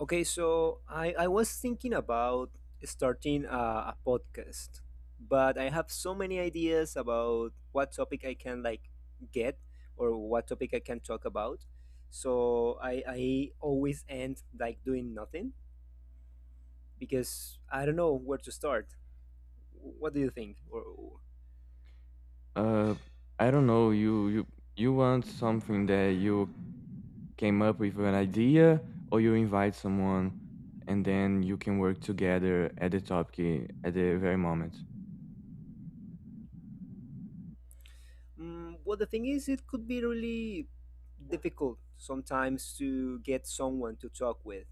Okay, so I was thinking about starting a podcast, but I have so many ideas about what topic I can, like, get or what topic I can talk about. So I always end, like, doing nothing because I don't know where to start. What do you think? Uh, I don't know. You want something that you came up with an idea, or you invite someone, and then you can work together at the topic at the very moment. Well, the thing is, it could be really difficult sometimes to get someone to talk with.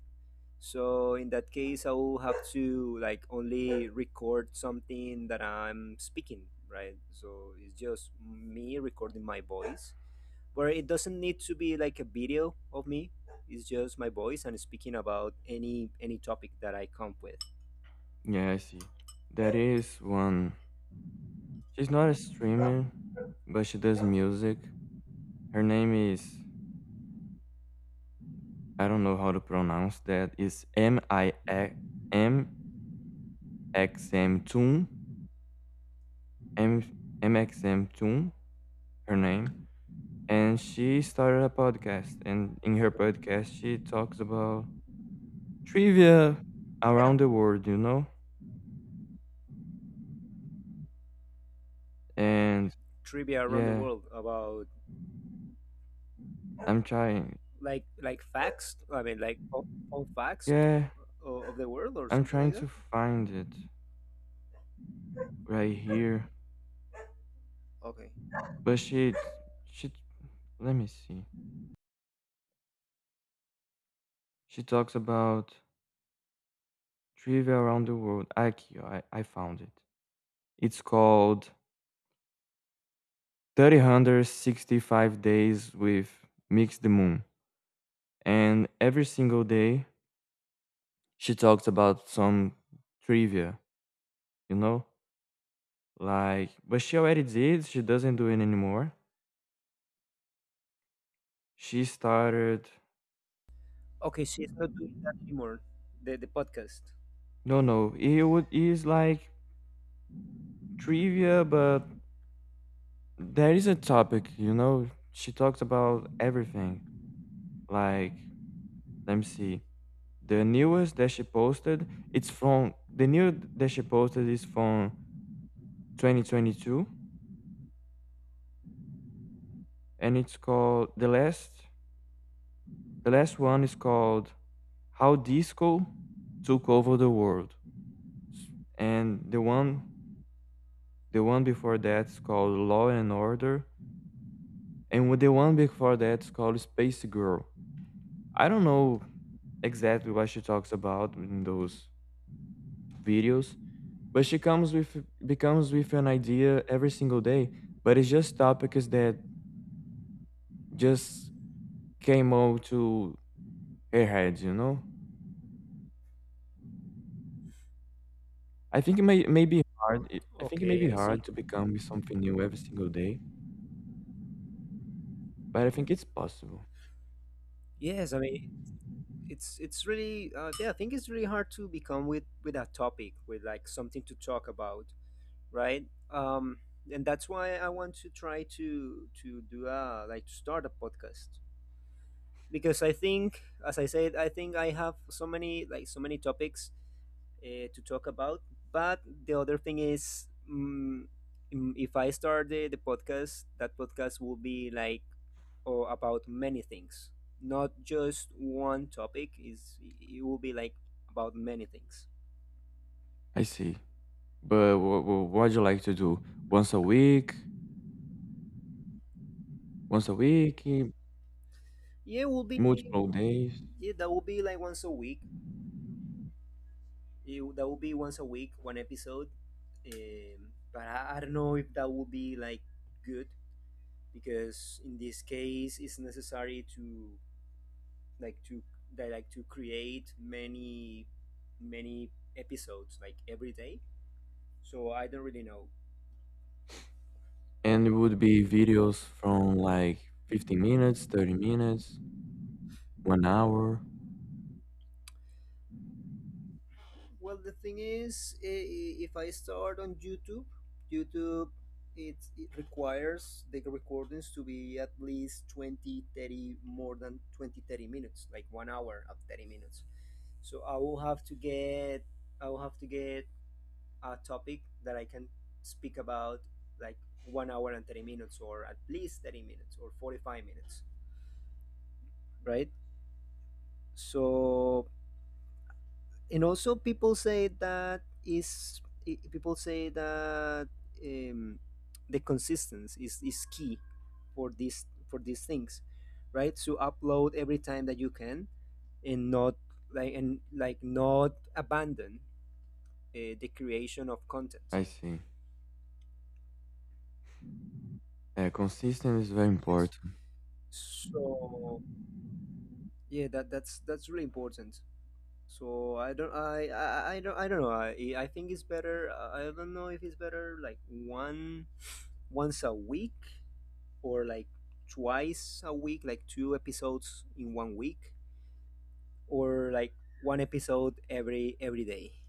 So in that case, I will have to, like, only record something that I'm speaking, right? So it's just me recording my voice, where it doesn't need to be like a video of me. It's just my voice and speaking about any topic that I come with. Yeah, I see. That is one. She's not a streamer, but she does music. Her name is, I don't know how to pronounce that. It's M I M X M Toon, M M X M Toon. Her name. And she started a podcast. And in her Okay. podcast, she talks about trivia around the world, you know? And Trivia around the yeah, world about, I'm trying. like, facts. I mean, like, fun facts Yeah, of the world or I'm something like trying that. to find it right here. Okay. But she, let me see. She talks about trivia around the world. Aki, I found it. It's called 365 Days with Mix the Moon. And every single day, she talked about some trivia, you know? Like, but she already did. She doesn't do it anymore. She started. Okay, she's not doing that anymore. The podcast. No, no. It would is like trivia, but there is a topic, you know. She talked about everything. Like, let me see. The newest that she posted, it's from the new that she posted is from 2022, and it's called the last. The last one is called how disco took over the world, and the one before that's called law and order, and with the one before that's called space girl. I don't know exactly what she talks about in those videos, but she comes with, becomes with an idea every single day, but it's just topics that just came out to her head, you know. I think it may be hard I think it may Okay, be I hard see. to become with something new every single day, but I think it's possible. Yes, I mean, it's really, yeah. I think it's really hard to become with a topic, with, like, something to talk about, right? And that's why I want to try to do a, like, to start a podcast because I think, as I said, I think I have so many topics to talk about. But the other thing is, if I start the podcast, that podcast will be like or about many things, not just one topic. Is It will be like about many things. I see. But what do you like to do? Once a week? Once a week? Yeah, it will be Multiple days? yeah, that will be, like, once a week. That will be once a week, one episode. But I don't know if that will be, like, good, because in this case it's necessary to like to that like to create many episodes, like, every day. So I don't really know. And it would be videos from like 15 minutes, 30 minutes, 1 hour. Well, the thing is, if I start on YouTube, YouTube it requires the recordings to be at least 20, 30, more than 20, 30 minutes, like 1 hour of 30 minutes. So I will have to get I will have to get a topic that I can speak about, like, 1 hour and 30 minutes, or at least 30 minutes or 45 minutes, right? So, and also, people say that, um, the consistency is key for these things, right? So, upload every time that you can, and not, like and like not abandon the creation of content. I see. Yeah, consistent is very Yes. important. So, yeah, that's really important. So I don't know I think it's better. I don't know if it's better, like, one once a week, or, like, twice a week, like two episodes in one week, or like one episode every day.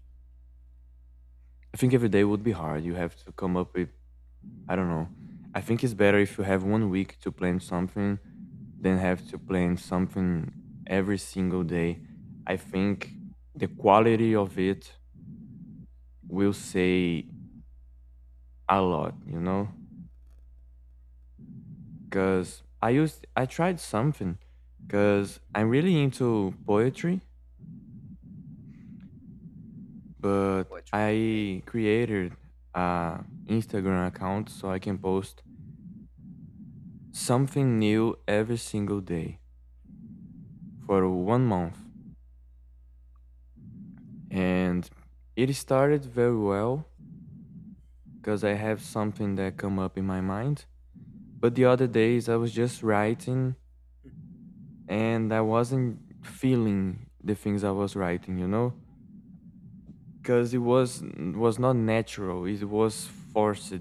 I think every day would be hard. You have to come up with, I don't know. I think it's better if you have one week to plan something than have to plan something every single day. I think the quality of it will say a lot, you know, because I tried something because I'm really into poetry, but Poetry, okay. I created a Instagram account so I can post something new every single day for one month, and it started very well because I have something that come up in my mind. But the other days I was just writing and I wasn't feeling the things I was writing, you know, because it was not natural, it was forced.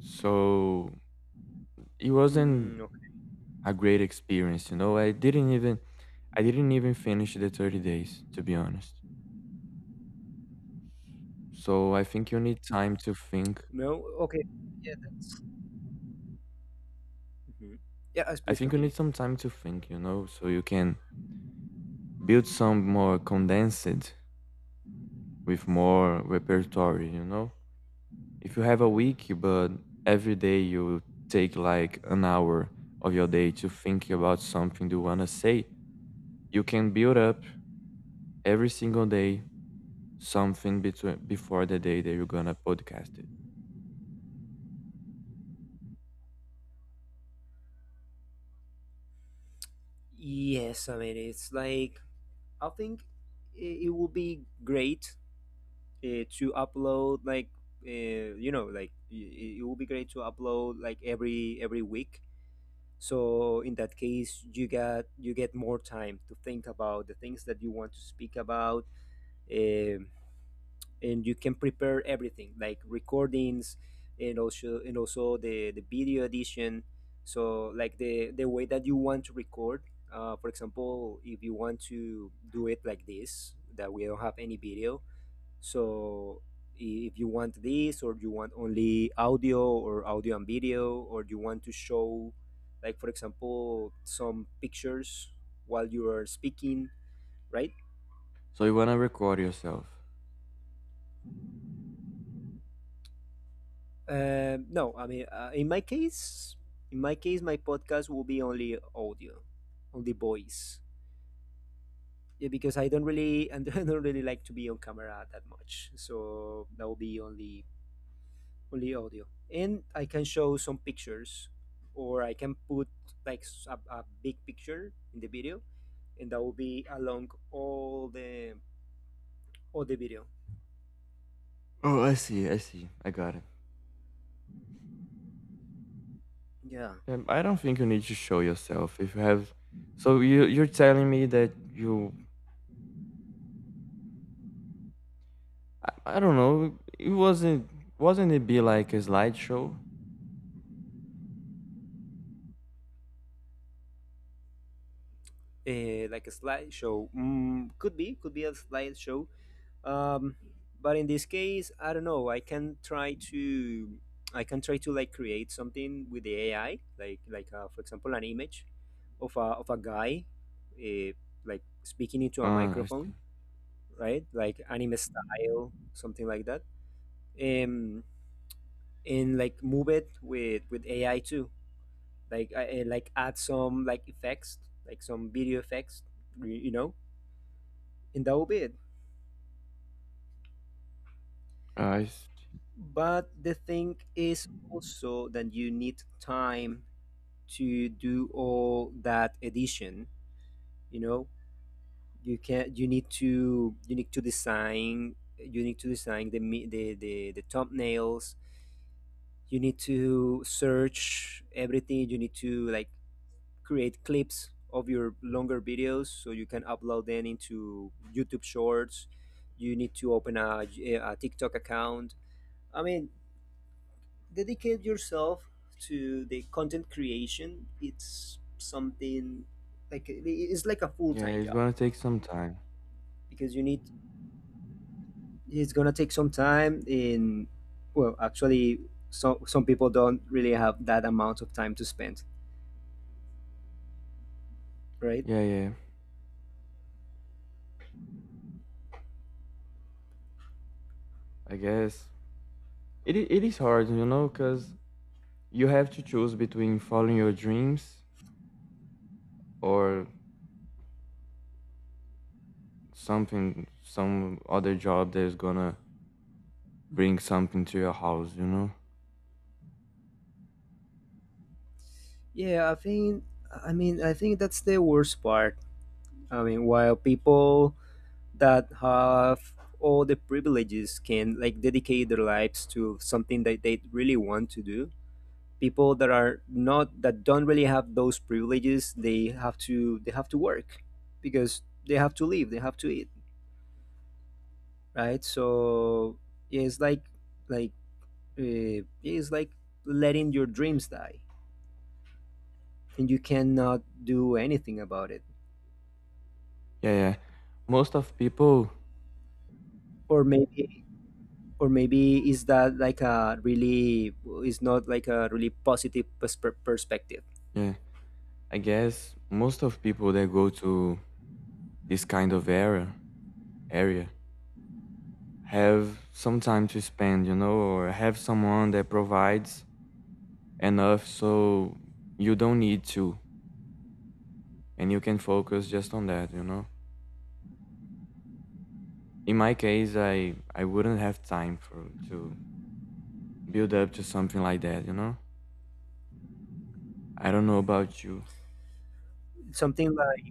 So it Mm, wasn't okay. a great experience, you know. I didn't even finish the 30 days to be honest. So I think you need time to think. No, okay. Yeah, that's. Mhm. Yeah, I please think you need continue. some time to think, you know, so you can build some more condensed with more repertoire, you know. If you have a week, but every day you take like an hour of your day to think about something you want to say. You can build up every single day something between before the day that you're gonna podcast it. Yes, I mean, it's like, I think it will be great, to upload, like, like it will be great to upload, like, every week. So, in that case, you get more time to think about the things that you want to speak about. um, and you can prepare everything, like, recordings, and also, the video edition. So, like, the way that you want to record. For example, if you want to do it like this, that we don't have any video, so if you want this, or you want only audio, or audio and video, or you want to show, like, for example, some pictures while you are speaking, right? So you wanna record yourself. No, I mean, in my case, my podcast will be only audio, only voice. Yeah, because I don't really, and I don't really like to be on camera that much. So that will be only audio. And I can show some pictures, or I can put, like, a big picture in the video, and that will be along all the video. Oh, I see. I see. I got it. Yeah, I don't think you need to show yourself if you have. So you you're telling me that you, I don't know. It wasn't it be like a slideshow? Like a slideshow. Could be a slideshow. Um, but in this case, I don't know. I can try to, like, create something with the AI, like, for example, an image of a guy, uh, like, speaking into a Ah, I see. microphone, right? Like, anime style, something like that. Um, and, like, move it with AI too. Like, I like, add some, like, effects, like, some video effects, y- you know, and that will be it. Ah, I see. But the thing is also that you need time to do all that edition. You know, you need to design you need to design the me- the thumbnails. You need to search everything. You need to, like, create clips of your longer videos so you can upload them into YouTube shorts. You need to open a TikTok account. I mean, dedicate yourself to the content creation. It's something, like a Yeah, full-time it's job. gonna take some time. Because you need, it's gonna take some time in, well, actually, so, some people don't really have that amount of time to spend, right? Yeah, yeah. I guess it is hard, you know, because you have to choose between following your dreams or something some other job that is gonna bring something to your house, you know. Yeah, I think, I mean, I think that's the worst part. I mean, while people that have all the privileges can, like, dedicate their lives to something that they really want to do, people that are not, that don't really have those privileges, they have to work because they have to live, they have to eat, right? So, yeah, it's like yeah, it's like letting your dreams die, and you cannot do anything about it. Yeah, yeah, most of people. Or maybe or maybe, is not, like, a really positive perspective. Yeah, I guess most of people that go to this kind of area have some time to spend, you know, or have someone that provides enough so you don't need to and you can focus just on that, you know. In my case, I wouldn't have time for to build up to something like that, you know. I don't know about you. something like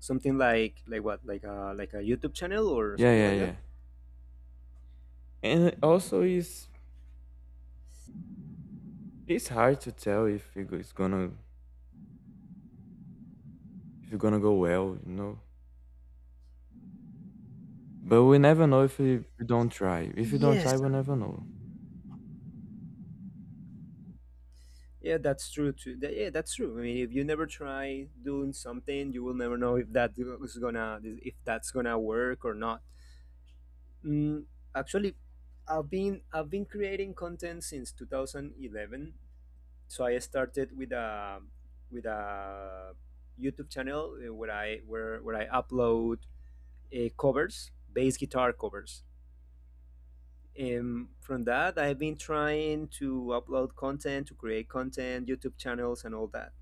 something like what, like a YouTube channel or Yeah, something yeah, like that. yeah. And also, it's hard to tell if it's gonna, if it's gonna go well, you know. But we never know if we don't try. If you don't try, Yes, we never know. yeah, that's true too. That's true. I mean, if you never try doing something, you will never know if that's gonna work or not. mm, Actually, I've been creating content since 2011. So I started with a YouTube channel, where I upload covers, bass guitar covers. From that, I've been trying to upload content, to create content, YouTube channels, and all that.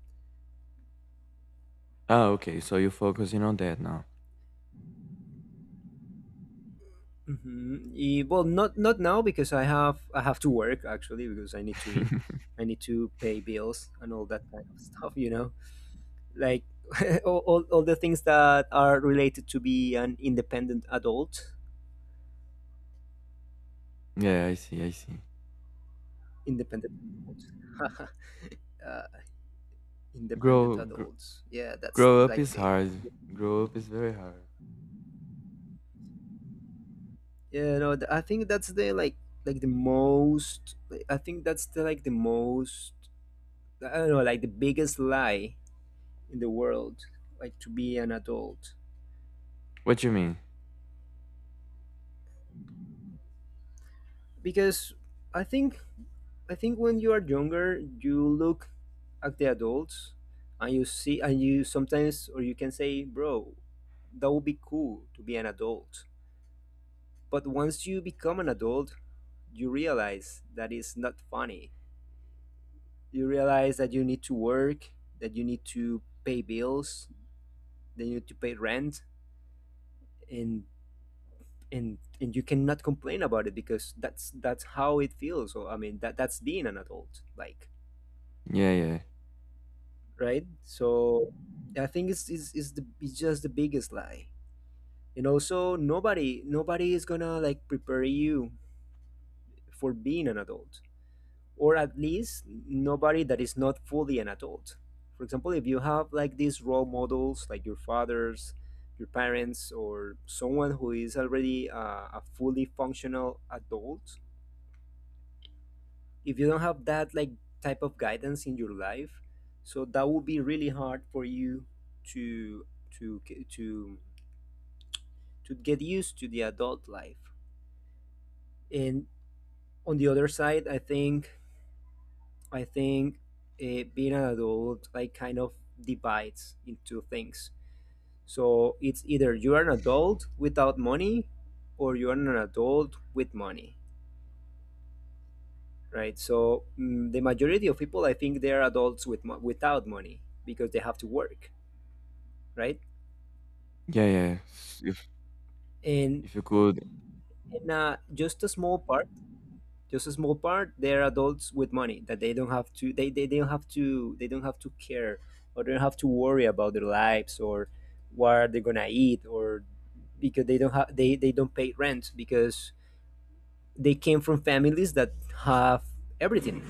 Ah, okay. So you're focusing on that now. Mhm. Well, not now, because I have to work, actually, because I need to eat, I need to pay bills, and all that kind of stuff. You know, like, all the things that are related to be an independent adult. Yeah, I see. I see. Independent adults. uh, independent Grow gr- adults. Yeah, that's Grow up like is the, hard. the Grow up is very hard. yeah, no. I think that's, the like the most. Like, I think that's, the like, the most. I don't know, like, the biggest lie in the world, like to be an adult, What you mean? because I think I think when you are younger, you look at the adults and you see, and you sometimes, or you can say, bro, that would be cool to be an adult. But once you become an adult, you realize that it's not funny. You realize that you need to work, that you need to pay bills, that you need to pay rent, and and you cannot complain about it because that's how it feels. So I mean, that's being an adult, like, Yeah, yeah, right. So I think it's just the biggest lie, and also, nobody is gonna, like, prepare you for being an adult, or at least nobody that is not fully an adult. For example, if you have, like, these role models, like your fathers, your parents, or someone who is already a fully functional adult, if you don't have that, like, type of guidance in your life, so that would be really hard for you to to g- to to get used to the adult life. And, on the other side, I think being an adult, like, kind of divides into things. So it's either you are an adult without money, or you are an adult with money, right? So, the majority of people, I think, they are adults with without money because they have to work, right? yeah, yeah. And, If you could, and just a small part they're adults with money, that they don't have to, they don't have to care, or they don't have to worry about their lives, or what are they gonna eat, or, because they don't pay rent because they came from families that have everything,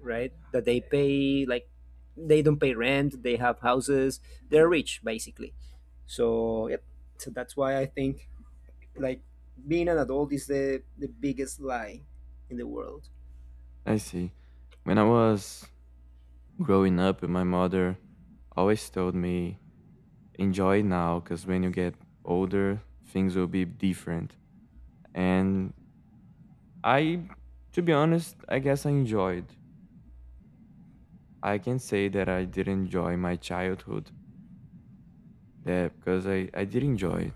right, that they pay, like, they don't pay rent, they have houses, they're rich, basically. So, yep. So that's why I think, like, being an adult is the biggest lie in the world. I see. When I was growing up, my mother always told me enjoy now because when you get older things will be different. And I, to be honest, I guess I enjoyed, I can say that I did enjoy my childhood there because I did enjoy it.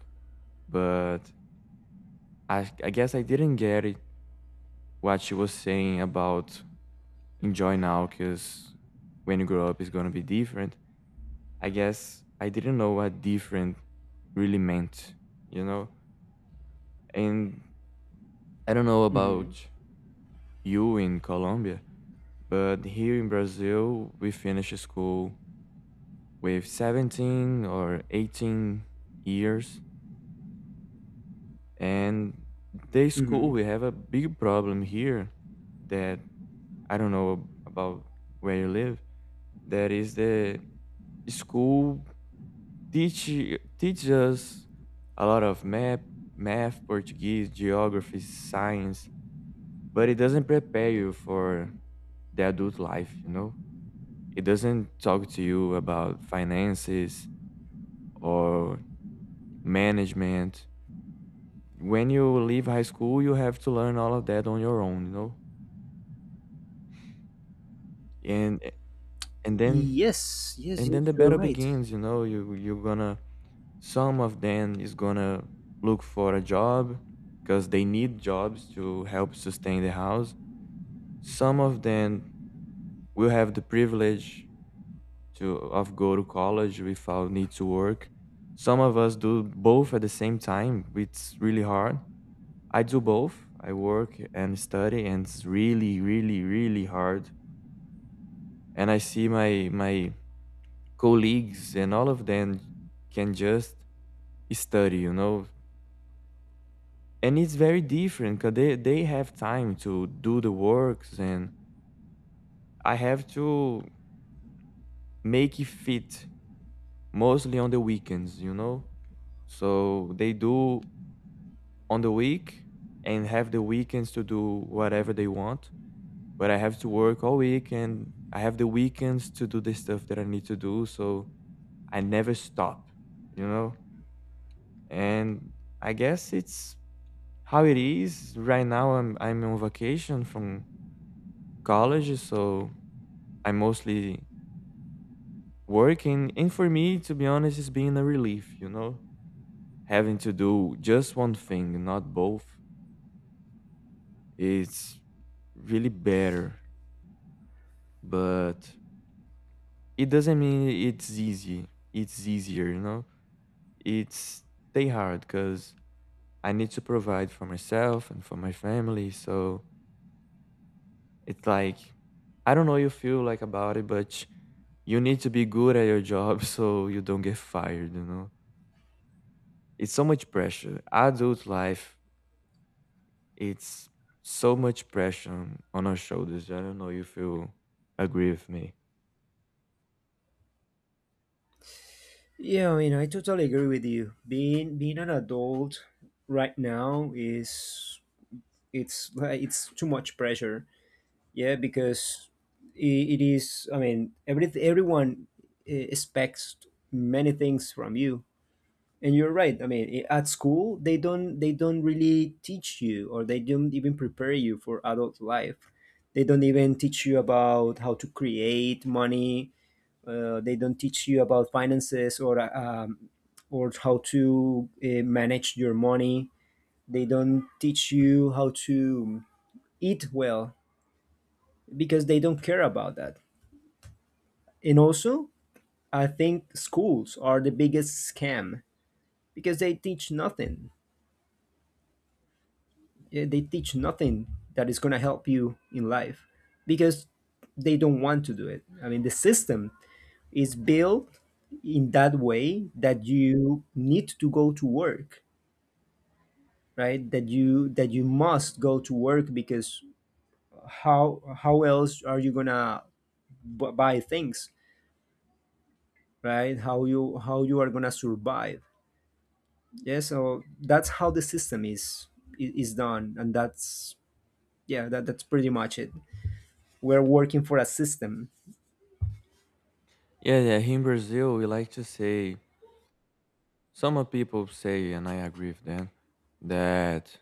But I guess I didn't get it, what she was saying about enjoy now because when you grow up it's going to be different. I guess I didn't know what different really meant, you know. And I don't know Hmm. about you in Colombia. But here in Brazil, we finish school with 17 or 18 years. And the Hmm. school, we have a big problem here that I don't know about where you live. That is the school teach teach us a lot of math, math, Portuguese, geography, science, but it doesn't prepare you for the adult life, you know? It doesn't talk to you about finances, or management. When you leave high school, you have to learn all of that on your own, you know. And and then Yes, yes, and yes, then the you're battle right. begins, you know. You you're gonna some of them is gonna look for a job because they need jobs to help sustain the house. Some of them will have the privilege to of go to college without need to work. Some of us do both at the same time. It's really hard. I do both. I work and study, and it's really, really, really hard. And I see my my colleagues and all of them can just study, you know. And it's very different because they have time to do the works, and I have to make it fit mostly on the weekends, you know. So they do on the week and have the weekends to do whatever they want, but I have to work all week and I have the weekends to do the stuff that I need to do. So I never stop, you know? And I guess it's how it is. Right now I'm on vacation from college, so I'm mostly working. And for me, to be honest, it's been a relief, you know? Having to do just one thing, not both. It's really better, but it doesn't mean it's easy. It's easier, you know? It's they hard because I need to provide for myself and for my family. So it's like I don't know you feel like about it, but you need to be good at your job so you don't get fired, you know? It's so much pressure. Adult life, it's so much pressure on our shoulders. I don't know if you agree with me. Yeah, I mean, I totally agree with you. Being an adult right now is it's too much pressure. Yeah, because it is. I mean, everyone expects many things from you, and you're right. I mean, at school they don't really teach you, or they don't even prepare you for adult life. They don't even teach you about how to create money. They don't teach you about finances or or how to manage your money. They don't teach you how to eat well because they don't care about that. And also, I think schools are the biggest scam because they teach nothing. Yeah, they teach nothing that is going to help you in life because they don't want to do it. I mean, the system is built in that way, that you need to go to work, right? That you must go to work, because how else are you gonna buy things, right? How you how you are gonna survive? Yeah, so that's how the system is done, and that's, yeah, that's pretty much it. We're working for a system. Yeah, yeah. Here in Brazil, we like to say, some of people say, and I agree with them, that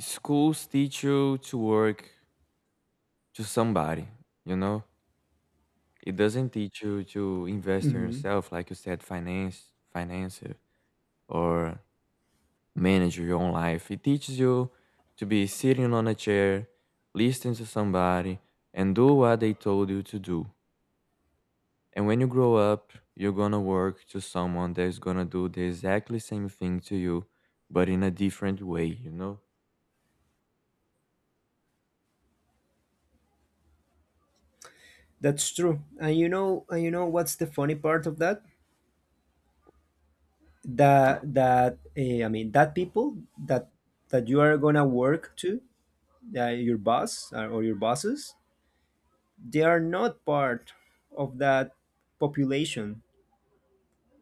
schools teach you to work to somebody, you know? It doesn't teach you to invest in Hmm yourself, like you said, finance, finance it, or manage your own life. It teaches you to be sitting on a chair, listening to somebody, and do what they told you to do. And when you grow up, you're gonna work to someone that's gonna do the exactly same thing to you, but in a different way, you know? that's true. And you know, and you know what's the funny part of that? That I mean, that people that that you are gonna work to, your boss, or your bosses, they are not part of that population,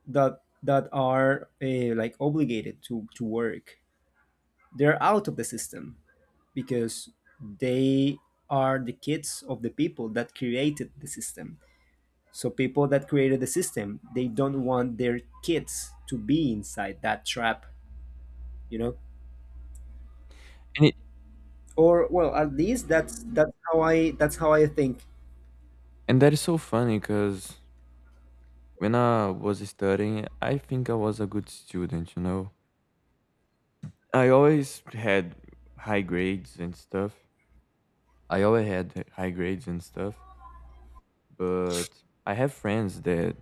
that are like obligated to work. They're out of the system because they are the kids of the people that created the system. So people that created the system, they don't want their kids to be inside that trap, you know? And it, Or well, at least that's how I think. and that is so funny because when I was studying, I think I was a good student, you know. I always had high grades and stuff. I always had high grades and stuff, but I have friends that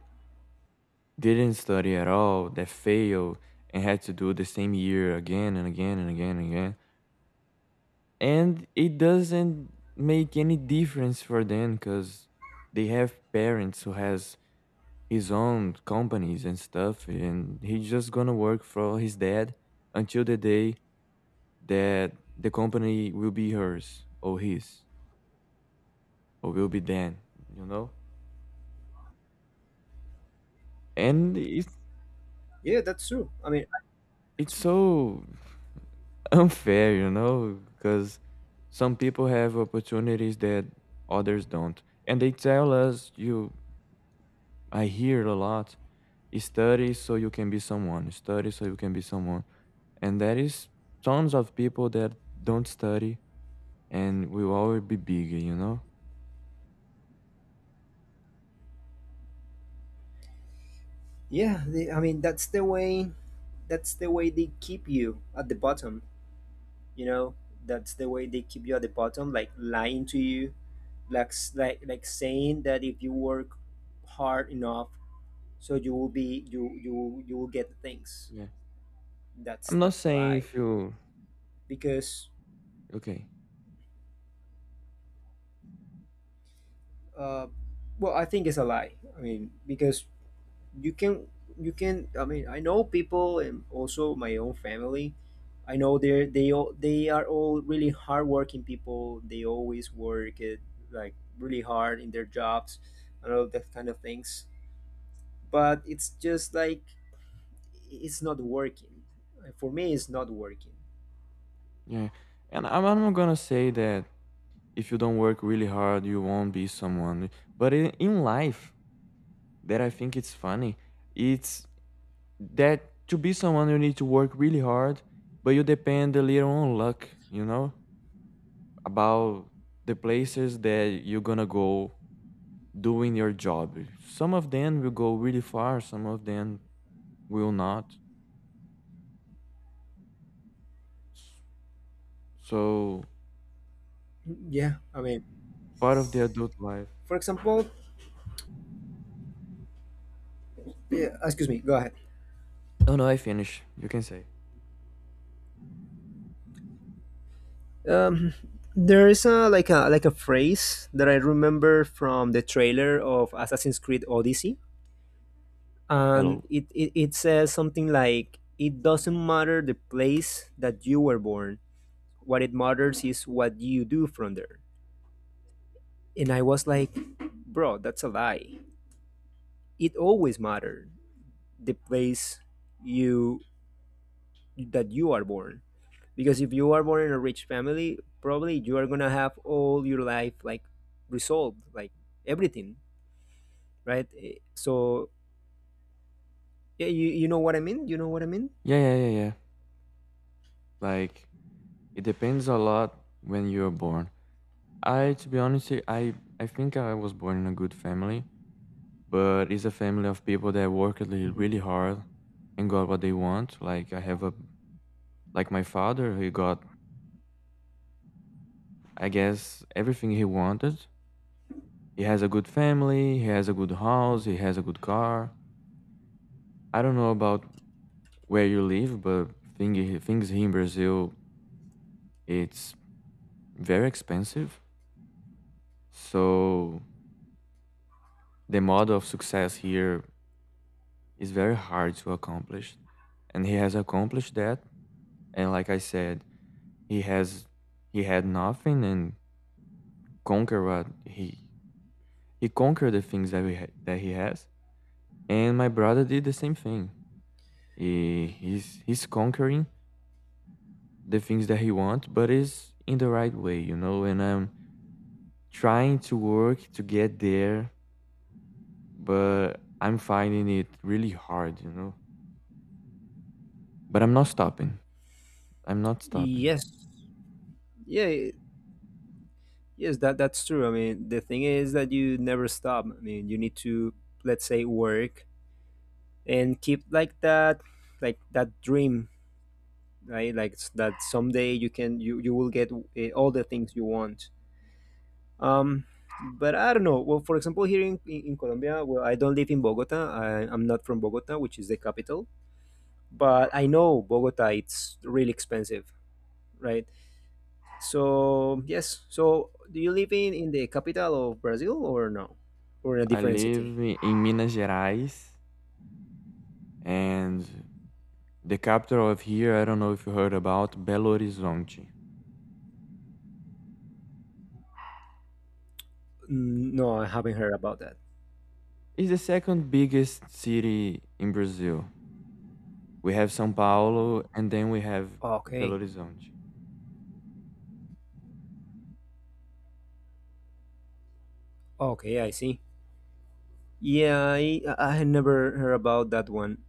didn't study at all, that failed and had to do the same year again and again and again and again. And it doesn't make any difference for them because they have parents who has his own companies and stuff, and he's just gonna work for his dad until the day that the company will be hers or his will be then, you know? And Yeah, that's true. I mean, it's that's. so unfair, you know, because some people have opportunities that others don't. And they tell us you, I hear a lot, study so you can be someone, study so you can be someone. And there is tons of people that don't study and will always be bigger, you know? Yeah, the, I mean, that's the way, that's the way they keep you at the bottom, you know? That's the way they keep you at the bottom, like lying to you, like like saying that if you work hard enough, so you will be, you will get things. Yeah. That's I'm not that's a saying lie, if you, because okay. uh well, I think it's a lie. I mean, because you can, you can. I know people, and also my own family, I know they're, they are all really hardworking people. They always work it like really hard in their jobs and all that kind of things, but it's just like, it's not working. For me, it's not working. Yeah. And I'm not gonna say that if you don't work really hard you won't be someone, but in life that I think it's funny, it's that to be someone you need to work really hard, but you depend a little on luck, you know, about the places that you're gonna go doing your job. Some of them will go really far, some of them will not. So Yeah, I mean, part of the adult life. for example, yeah, excuse me, go ahead. Oh no, I finished, you can say. um there is a like a phrase that I remember from the trailer of Assassin's Creed Odyssey, and Hello. it says something like, it doesn't matter the place that you were born, what it matters is what you do from there. And I was like, bro, that's a lie. It always mattered, the place you that you are born, because if you are born in a rich family, probably you are gonna have all your life like resolved, like everything, right? Eh, so yeah, you, you know what I mean, you know what I mean? Yeah, yeah, yeah, yeah, like, it depends a lot when you are born. I, to be honest, I think I was born in a good family, but it's a family of people that worked really really Hmm hard and got what they want. Like I have a like my father, he got, I guess everything he wanted. He has a good family, he has a good house, he hmm has a good car. I don't know about where you live, but thing, things here in Brazil it's very expensive. So the model of success here is very hard to accomplish and he has accomplished that. And like I said, he has, he had nothing and conquer what he conquered the things that that he has. And my brother did the same thing. He's he's conquering the things that he wants but is in the right way, you know. And I'm trying to work to get there but I'm finding it really hard, you know. But I'm not stopping, I'm not stopping. yes. Yeah. Yes, that's true. I mean, the thing is that you never stop. I mean, you need to, let's say, work and keep like that, like that dream, right? Like that someday you can, you will get all the things you want. Um, but I don't know. Well, for example, here in Colombia, well, I don't live in Bogota. I'm not from Bogota, which is the capital. But I know Bogota, it's really expensive, right? So yes, so do you live in the capital of Brazil, or no, or in a i different city? live i- in Minas Gerais. And the capital of here, I don't know if you heard about Belo Horizonte. Mm, no, I haven't heard about that. It's the second biggest city in Brazil. We have São Paulo and then we have Belo Okay, Horizonte. okay, I see. Yeah, I had never heard about that one.